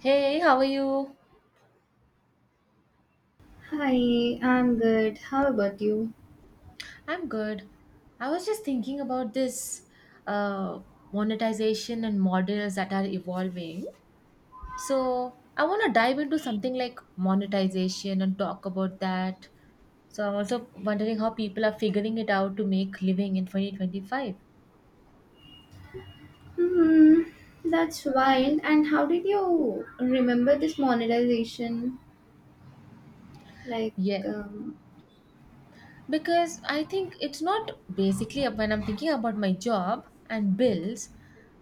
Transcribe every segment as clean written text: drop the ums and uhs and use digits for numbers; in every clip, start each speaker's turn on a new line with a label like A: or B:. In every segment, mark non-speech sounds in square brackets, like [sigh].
A: Hey, how are you?
B: Hi, I'm good. How about you?
A: I'm good. I was just thinking about this uh, monetization and models that are evolving. So, I want to dive into something like monetization and talk about that. So, I'm also wondering how people are figuring it out to make living in 2025.
B: Hmm, that's wild. And how did you remember this monetization? Like,
A: Yeah.
B: um,
A: Because I think it's not basically when I'm thinking about my job and bills,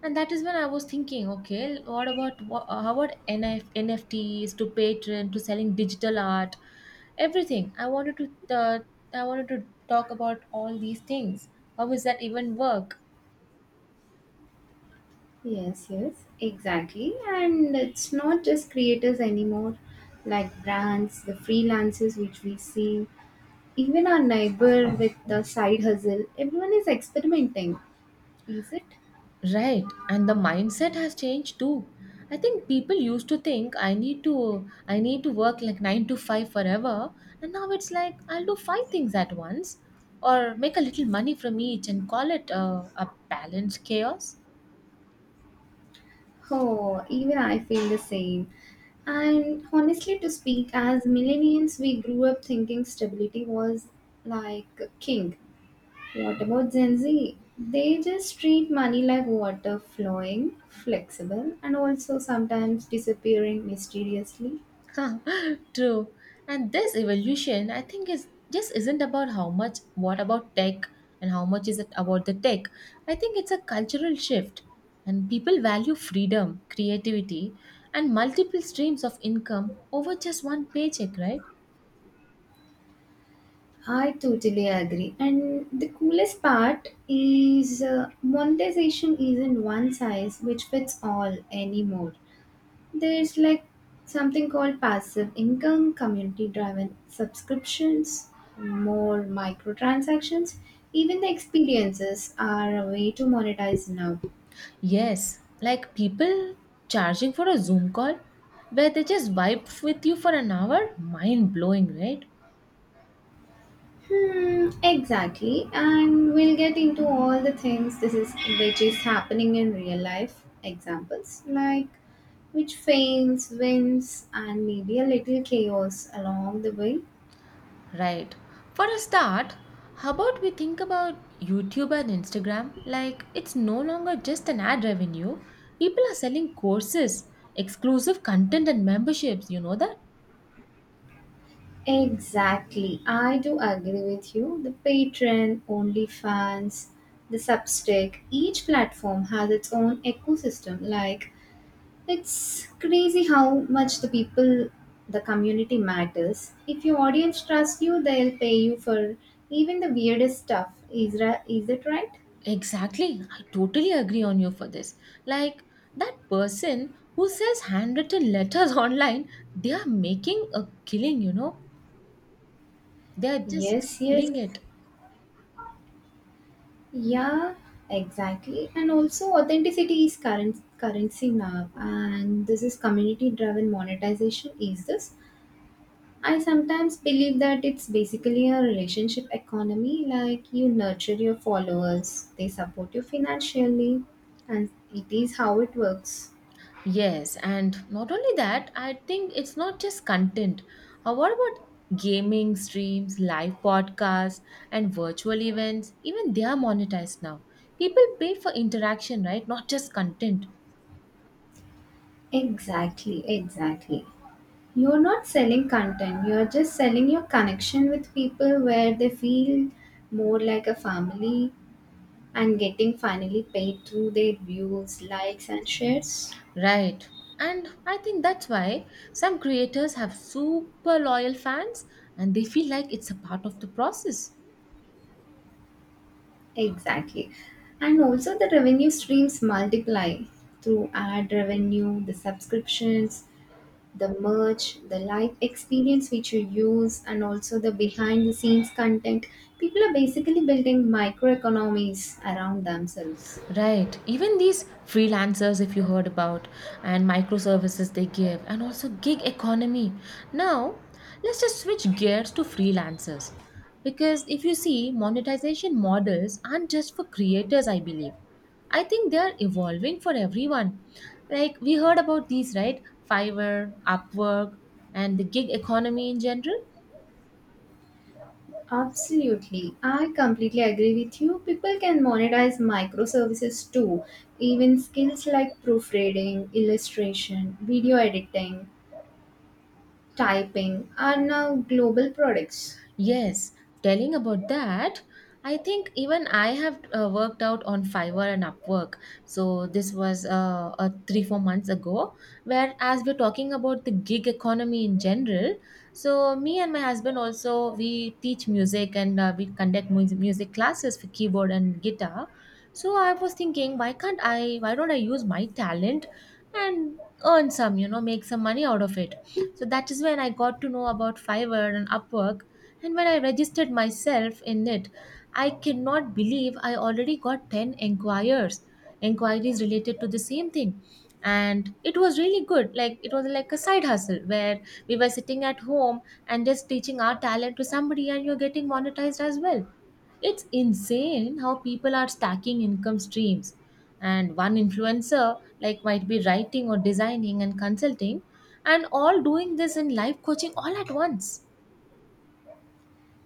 A: and that is when I was thinking, okay, what about how about NFTs to Patreon to selling digital art, everything. I wanted to talk about all these things. How is that even work?
B: yes, yes, exactly. And it's not just creators anymore, like brands, the freelancers which we see, even our neighbor with the side hustle. Everyone is experimenting, is it?
A: Right, and the mindset has changed too. I think people used to think I need to work like 9 to 5 forever, and now it's like I'll do five things at once or make a little money from each and call it a balanced chaos.
B: Oh, even I feel the same. And honestly, to speak, as millennials, we grew up thinking stability was like king. What about Gen Z? They just treat money like water flowing, flexible, and also sometimes disappearing mysteriously.
A: [laughs] True. And this evolution, I think, is just isn't about how much, what about tech, and how much is it about the tech. I think it's a cultural shift, and people value freedom, creativity, and multiple streams of income over just one paycheck, right?
B: I totally agree. And the coolest part is monetization isn't one size which fits all anymore. There's like something called passive income, community driven subscriptions, more microtransactions. Even the experiences are a way to monetize now.
A: Yes, like people charging for a Zoom call where they just vibe with you for an hour, mind blowing, right?
B: Hmm, exactly. And we'll get into all the things this is which is happening in real life examples like which fails, wins, and maybe a little chaos along the way.
A: Right. For a start, how about we think about YouTube and Instagram? Like, it's no longer just an ad revenue. People are selling courses, exclusive content, and memberships. You know that?
B: Exactly. I do agree with you. The Patreon, OnlyFans, the Substack, each platform has its own ecosystem. Like, it's crazy how much the people, the community matters. If your audience trusts you, they'll pay you for even the weirdest stuff. Is it right?
A: Exactly. I totally agree on you for this. Like, that person who sells handwritten letters [laughs] online, they are making a killing, you know? They are just
B: Yes, yes.
A: killing it.
B: Yeah, exactly. And also authenticity is current currency now, and this is community driven monetization. Is this? I sometimes believe that it's basically a relationship economy, like you nurture your followers, they support you financially, and it is how it works.
A: Yes, and not only that, I think it's not just content. What about gaming streams, live podcasts, and virtual events? Even they are monetized now. People pay for interaction, right? Not just content.
B: Exactly, exactly. You're not selling content, you're just selling your connection with people where they feel more like a family and getting finally paid through their views, likes, and shares.
A: Right. And I think that's why some creators have super loyal fans and they feel like it's a part of the process.
B: Exactly. And also the revenue streams multiply through ad revenue, the subscriptions, the merch, the live experience which you use, and also the behind the scenes content. People are basically building microeconomies around themselves.
A: Right. Even these freelancers, if you heard about, and microservices they give, and also gig economy. Now, let's just switch gears to freelancers. Because if you see, monetization models aren't just for creators, I believe. I think they are evolving for everyone. Like we heard about these, right? Fiverr, Upwork, and the gig economy in general.
B: Absolutely. I completely agree with you. People can monetize microservices too. Even skills like proofreading, illustration, video editing, typing are now global products.
A: Yes, telling about that, I think even I have worked out on Fiverr and Upwork. So this was 3 4 months ago. Where as we're talking about the gig economy in general, so me and my husband also we teach music and we conduct music classes for keyboard and guitar. So I was thinking, why can't I? Why don't I use my talent and earn some, you know, make some money out of it? So that is when I got to know about Fiverr and Upwork and when I registered myself in it, I cannot believe I already got 10 inquires, inquiries related to the same thing. And it was really good. Like it was like a side hustle where we were sitting at home and just teaching our talent to somebody and you're getting monetized as well. It's insane how people are stacking income streams. And one influencer like might be writing or designing and consulting and all doing this in life coaching all at once.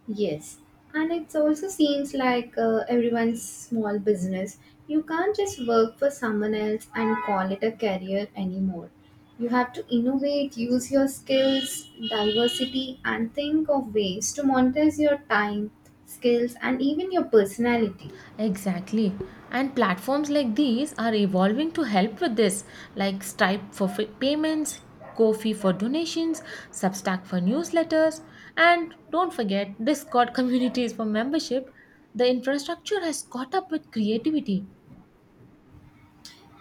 B: Yes, and it also seems like everyone's small business. You can't just work for someone else and call it a career anymore. You have to innovate, use your skills, diversity, and think of ways to monetize your time, skills, and even your personality.
A: Exactly. And platforms like these are evolving to help with this, like Stripe for payments, Ko-fi for donations, Substack for newsletters, and don't forget Discord [laughs] communities for membership. The infrastructure has caught up with creativity.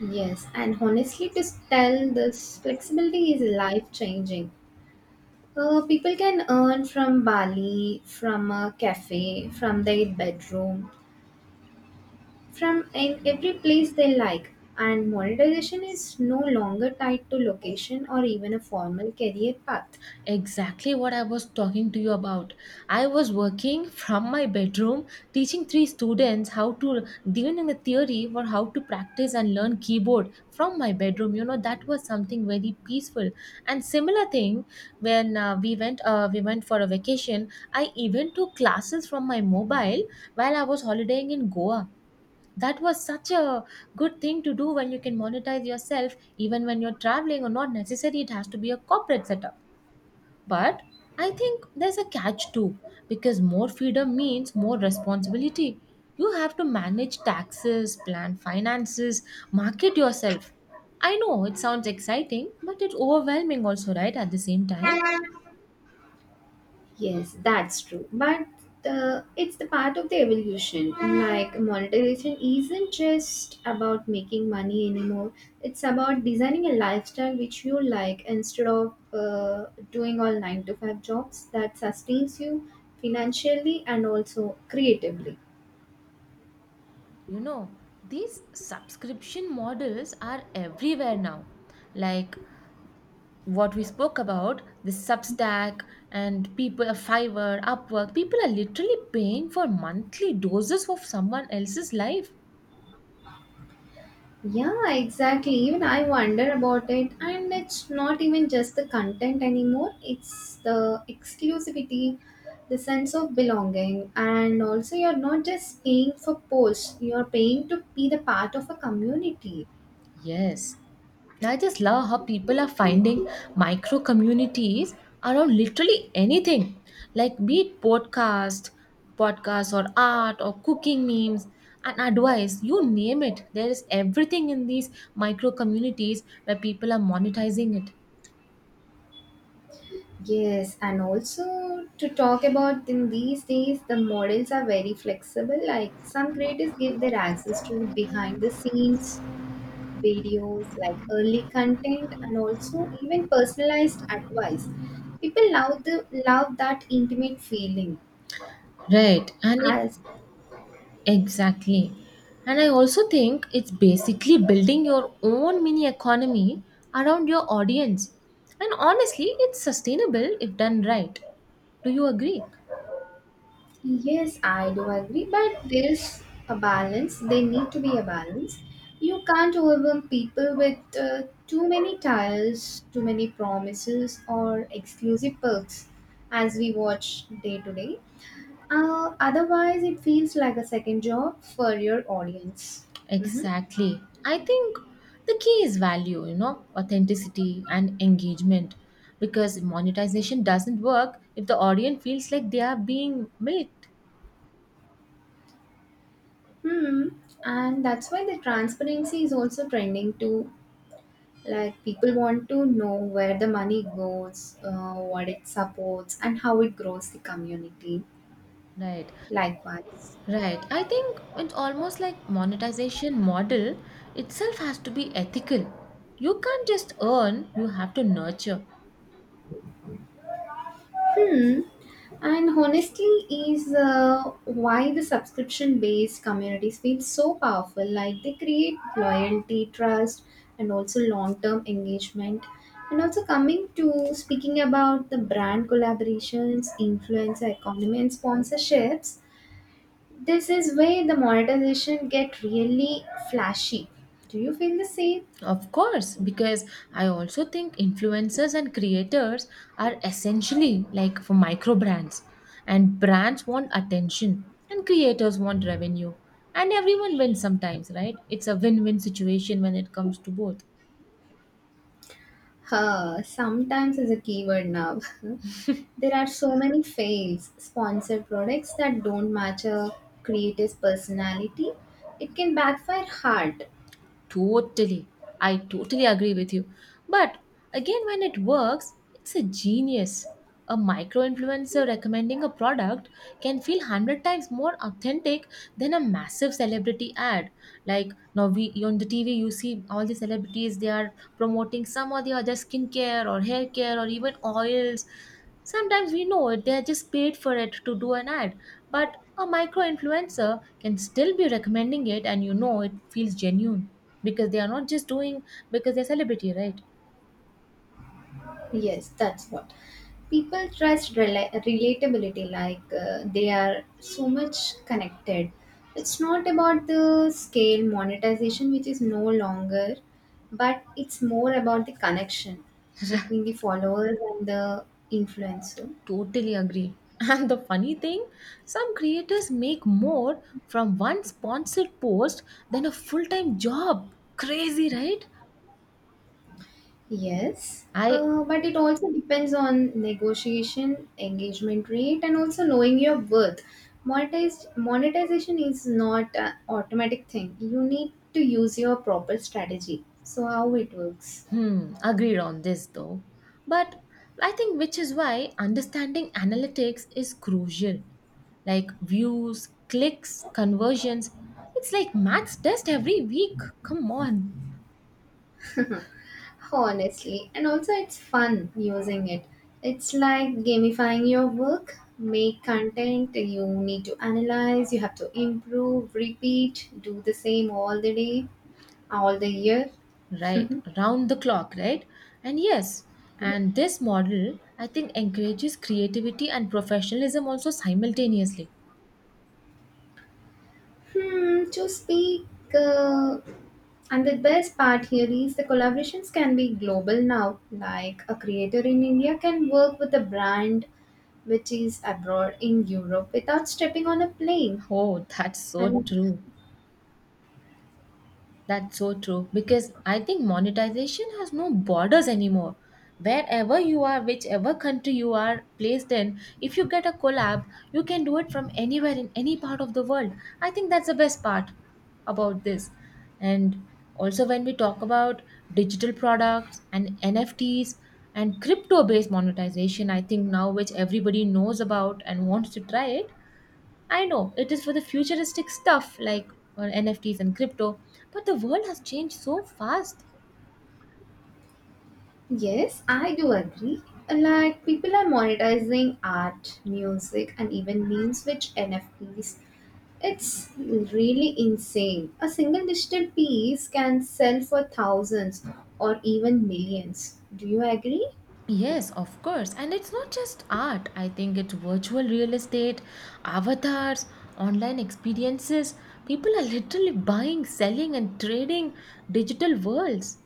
B: Yes, and honestly, to tell, this flexibility is life changing. People can earn from Bali, from a cafe, from their bedroom, from in every place they like, and monetization is no longer tied to location or even a formal career path.
A: Exactly what I was talking to you about. I was working from my bedroom teaching three students how to given in the theory for how to practice and learn keyboard from my bedroom. You know that was something very peaceful. And similar thing when we went for a vacation, I even took classes from my mobile while I was holidaying in Goa. That was such a good thing to do when you can monetize yourself even when you're traveling or not necessary it has to be a corporate setup. But I think there's a catch too, because more freedom means more responsibility. You have to manage taxes, plan finances, market yourself. I know it sounds exciting, but it's overwhelming also, right? At the same time,
B: Yes, that's true, but it's the part of the evolution. Like monetization isn't just about making money anymore, it's about designing a lifestyle which you like instead of doing all 9 to 5 jobs that sustains you financially and also creatively.
A: you know, these subscription models are everywhere now. Like what we spoke about, the Substack and people, Fiverr, Upwork, people are literally paying for monthly doses of someone else's life.
B: Yeah, exactly. Even I wonder about it, and it's not even just the content anymore, it's the exclusivity, the sense of belonging, and also you're not just paying for posts, you're paying to be the part of a community.
A: Yes. I just love how people are finding micro communities around literally anything, like be it podcasts or art or cooking memes and advice, you name it. There is everything in these micro communities where people are monetizing it.
B: Yes, and also to talk about, in these days, the models are very flexible. Like some creators give their access to the behind the scenes videos like early content and also even personalized advice. People love the love that intimate feeling.
A: Right. And it
B: As,
A: Exactly. And I also think it's basically building your own mini economy around your audience. And honestly, it's sustainable if done right. Do you agree?
B: yes, I do agree, but there is a balance. There need to be a balance. You can't overwhelm people with too many tiles, too many promises or exclusive perks, as we watch day to day. Otherwise it feels like a second job for your audience. Mm-hmm.
A: Exactly. I think the key is value, you know, authenticity and engagement. Because monetization doesn't work if the audience feels like they are being milked.
B: Hmm. And that's why the transparency is also trending too. Like people want to know where the money goes, what it supports, and how it grows the community.
A: Right.
B: Likewise.
A: Right. I think it's almost like monetization model itself has to be ethical. You can't just earn, you have to nurture.
B: Hmm. And honestly, is why the subscription based communities feel so powerful. Like they create loyalty, trust, and also long term engagement. And also, coming to speaking about the brand collaborations, influencer economy, and sponsorships, this is where the monetization get really flashy. Do you feel the same?
A: Of course, because I also think influencers and creators are essentially like for micro brands and brands want attention and creators want revenue and everyone wins sometimes, right? It's a win-win situation when it comes to both.
B: Huh, sometimes is a keyword now. [laughs] There are so many fails, sponsored products that don't match a creator's personality. It can backfire hard.
A: Totally. I totally agree with you. But again, when it works, it's a genius. A micro influencer recommending a product can feel 100 times more authentic than a massive celebrity ad. Like now, we on the TV, you see all the celebrities, they are promoting some or the other skincare or hair care or even oils. Sometimes we know it; they are just paid for it to do an ad, but a micro influencer can still be recommending it and you know it feels genuine because they are not just doing because they're celebrity, right?
B: Yes, that's what. People trust relatability, like they are so much connected. It's not about the scale monetization, which is no longer, but it's more about the connection between the followers and the influencer.
A: [laughs] Totally agree. And the funny thing, some creators make more from one sponsored post than a full time job. Crazy, right?
B: Yes,
A: I
B: but it also depends on negotiation, engagement rate, and also knowing your worth. Monetization is not an automatic thing. You need to use your proper strategy. So how it works,
A: Hmm, agreed on this though. But I think which is why understanding analytics is crucial. Like views, clicks, conversions. It's like maths test every week. Come on.
B: [laughs] honestly, and also it's fun using it. It's like gamifying your work. Make content. You need to analyze. You have to improve, repeat, do the same all the day, all the year.
A: Right, round the clock, right? And yes, and this model I think encourages creativity and professionalism also simultaneously.
B: Hmm, to speak, uh, and the best part here is the collaborations can be global now. Like a creator in India can work with a brand which is abroad in Europe without stepping on a plane.
A: Oh, [laughs] that's so
B: And
A: true. That's so true because I think monetization has no borders anymore. Wherever you are, whichever country you are placed in, if you get a collab, you can do it from anywhere in any part of the world. I think that's the best part about this. And also, when we talk about digital products and NFTs and crypto based monetization, I think now which everybody knows about and wants to try it, I know it is for the futuristic stuff like NFTs and crypto, but the world has changed so fast.
B: Yes, I do agree. Like people are monetizing art, music, and even memes with NFTs. It's really insane. A single digital piece can sell for thousands or even millions. Do you agree?
A: Yes, of course. And it's not just art. I think it's virtual real estate, avatars, online experiences. People are literally buying, selling, and trading digital worlds.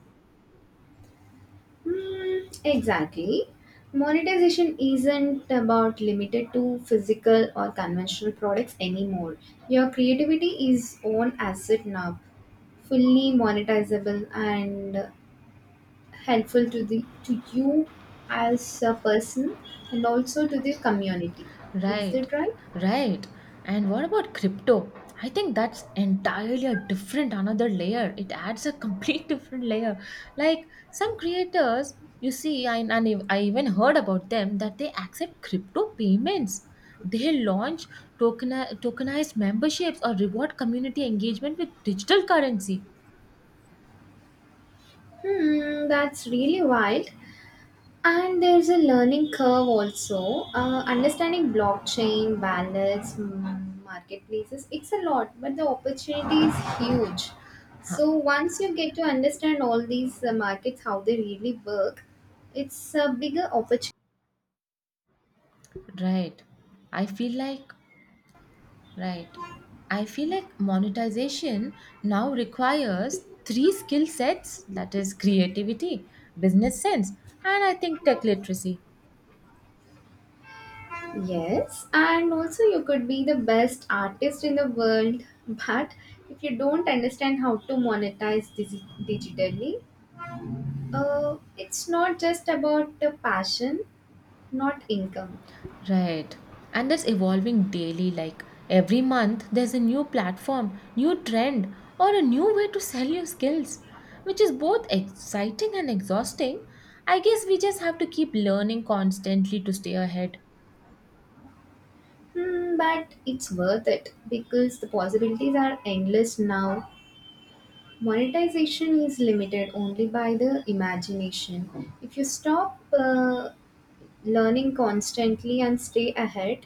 B: Hmm, exactly. Monetization isn't about limited to physical or conventional products anymore. Your creativity is own asset now, fully monetizable and helpful to you as a person and also to the community. Is
A: Right,
B: that right?
A: right. And what about crypto? I think that's entirely a different another layer. It adds a complete [laughs] different layer. Like some creators, you see, I, and I even heard about them that they accept crypto payments. They launch token, tokenized memberships or reward community engagement with digital currency.
B: Hmm, that's really wild. And there's a learning curve also, understanding blockchain balance, marketplaces. It's a lot, but the opportunity is huge,
A: Huh,
B: so once you get to understand all these markets, how they really work, it's a bigger opportunity.
A: right. I feel like Right. I feel like monetization now requires three skill sets that is, creativity, business sense, and I think tech literacy.
B: Yes, and also you could be the best artist in the world, but if you don't understand how to monetize digitally, it's not just about the passion, not income.
A: Right. And that's evolving daily. Like every month, there's a new platform, new trend, or a new way to sell your skills, which is both exciting and exhausting. I guess we just have to keep learning constantly to stay ahead.
B: Hmm, but it's worth it because the possibilities are endless now. Monetization is limited only by the imagination. If you stop learning constantly and stay ahead,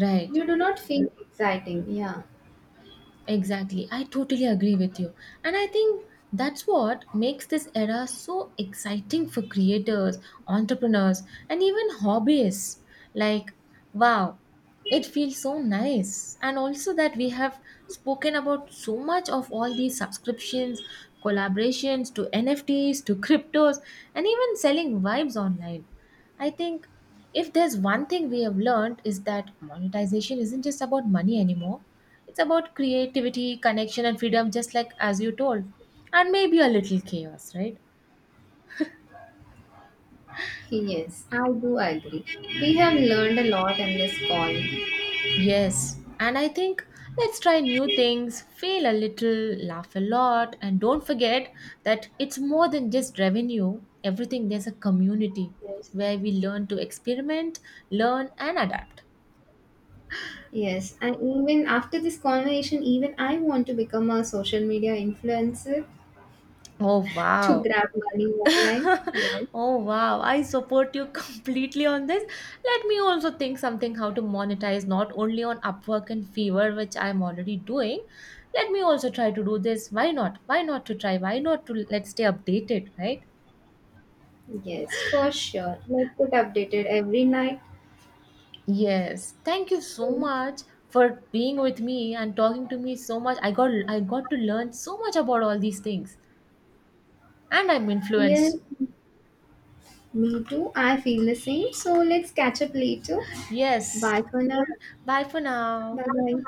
A: Right.
B: you do not feel exciting. Yeah.
A: Exactly. I totally agree with you. And I think that's what makes this era so exciting for creators, entrepreneurs, and even hobbyists. Like, wow, it feels so nice. And also that we have spoken about so much of all these subscriptions, collaborations to NFTs, to cryptos, and even selling vibes online. I think if there's one thing we have learned is that monetization isn't just about money anymore. It's about creativity, connection, and freedom, just like as you told, and maybe a little chaos, right?
B: Yes, I do agree. We have learned a lot in this call.
A: Yes. And I think let's try new things, fail a little, laugh a lot, and don't forget that it's more than just revenue. Everything, there's a community
B: Yes.
A: where we learn to experiment, learn, and adapt.
B: Yes, and even after this conversation, even I want to become a social media influencer
A: Oh,
B: to
A: wow.
B: grab money
A: [laughs]
B: online. Yes,
A: Oh wow, I support you [laughs] completely on this. Let me also think something how to monetize not only on Upwork and Fiverr, which I'm already doing. Let me also try to do this. Why not? Why not to try? Why not to let's stay updated, right?
B: yes, for sure. Let's get updated every night.
A: Yes. Thank you so
B: So,
A: much for being with me and talking to me so much. I got to learn so much about all these things and I'm
B: yes,
A: influenced.
B: me too. I feel the same. So let's catch up later.
A: Yes.
B: Bye for now.
A: Bye for now.
B: Bye bye.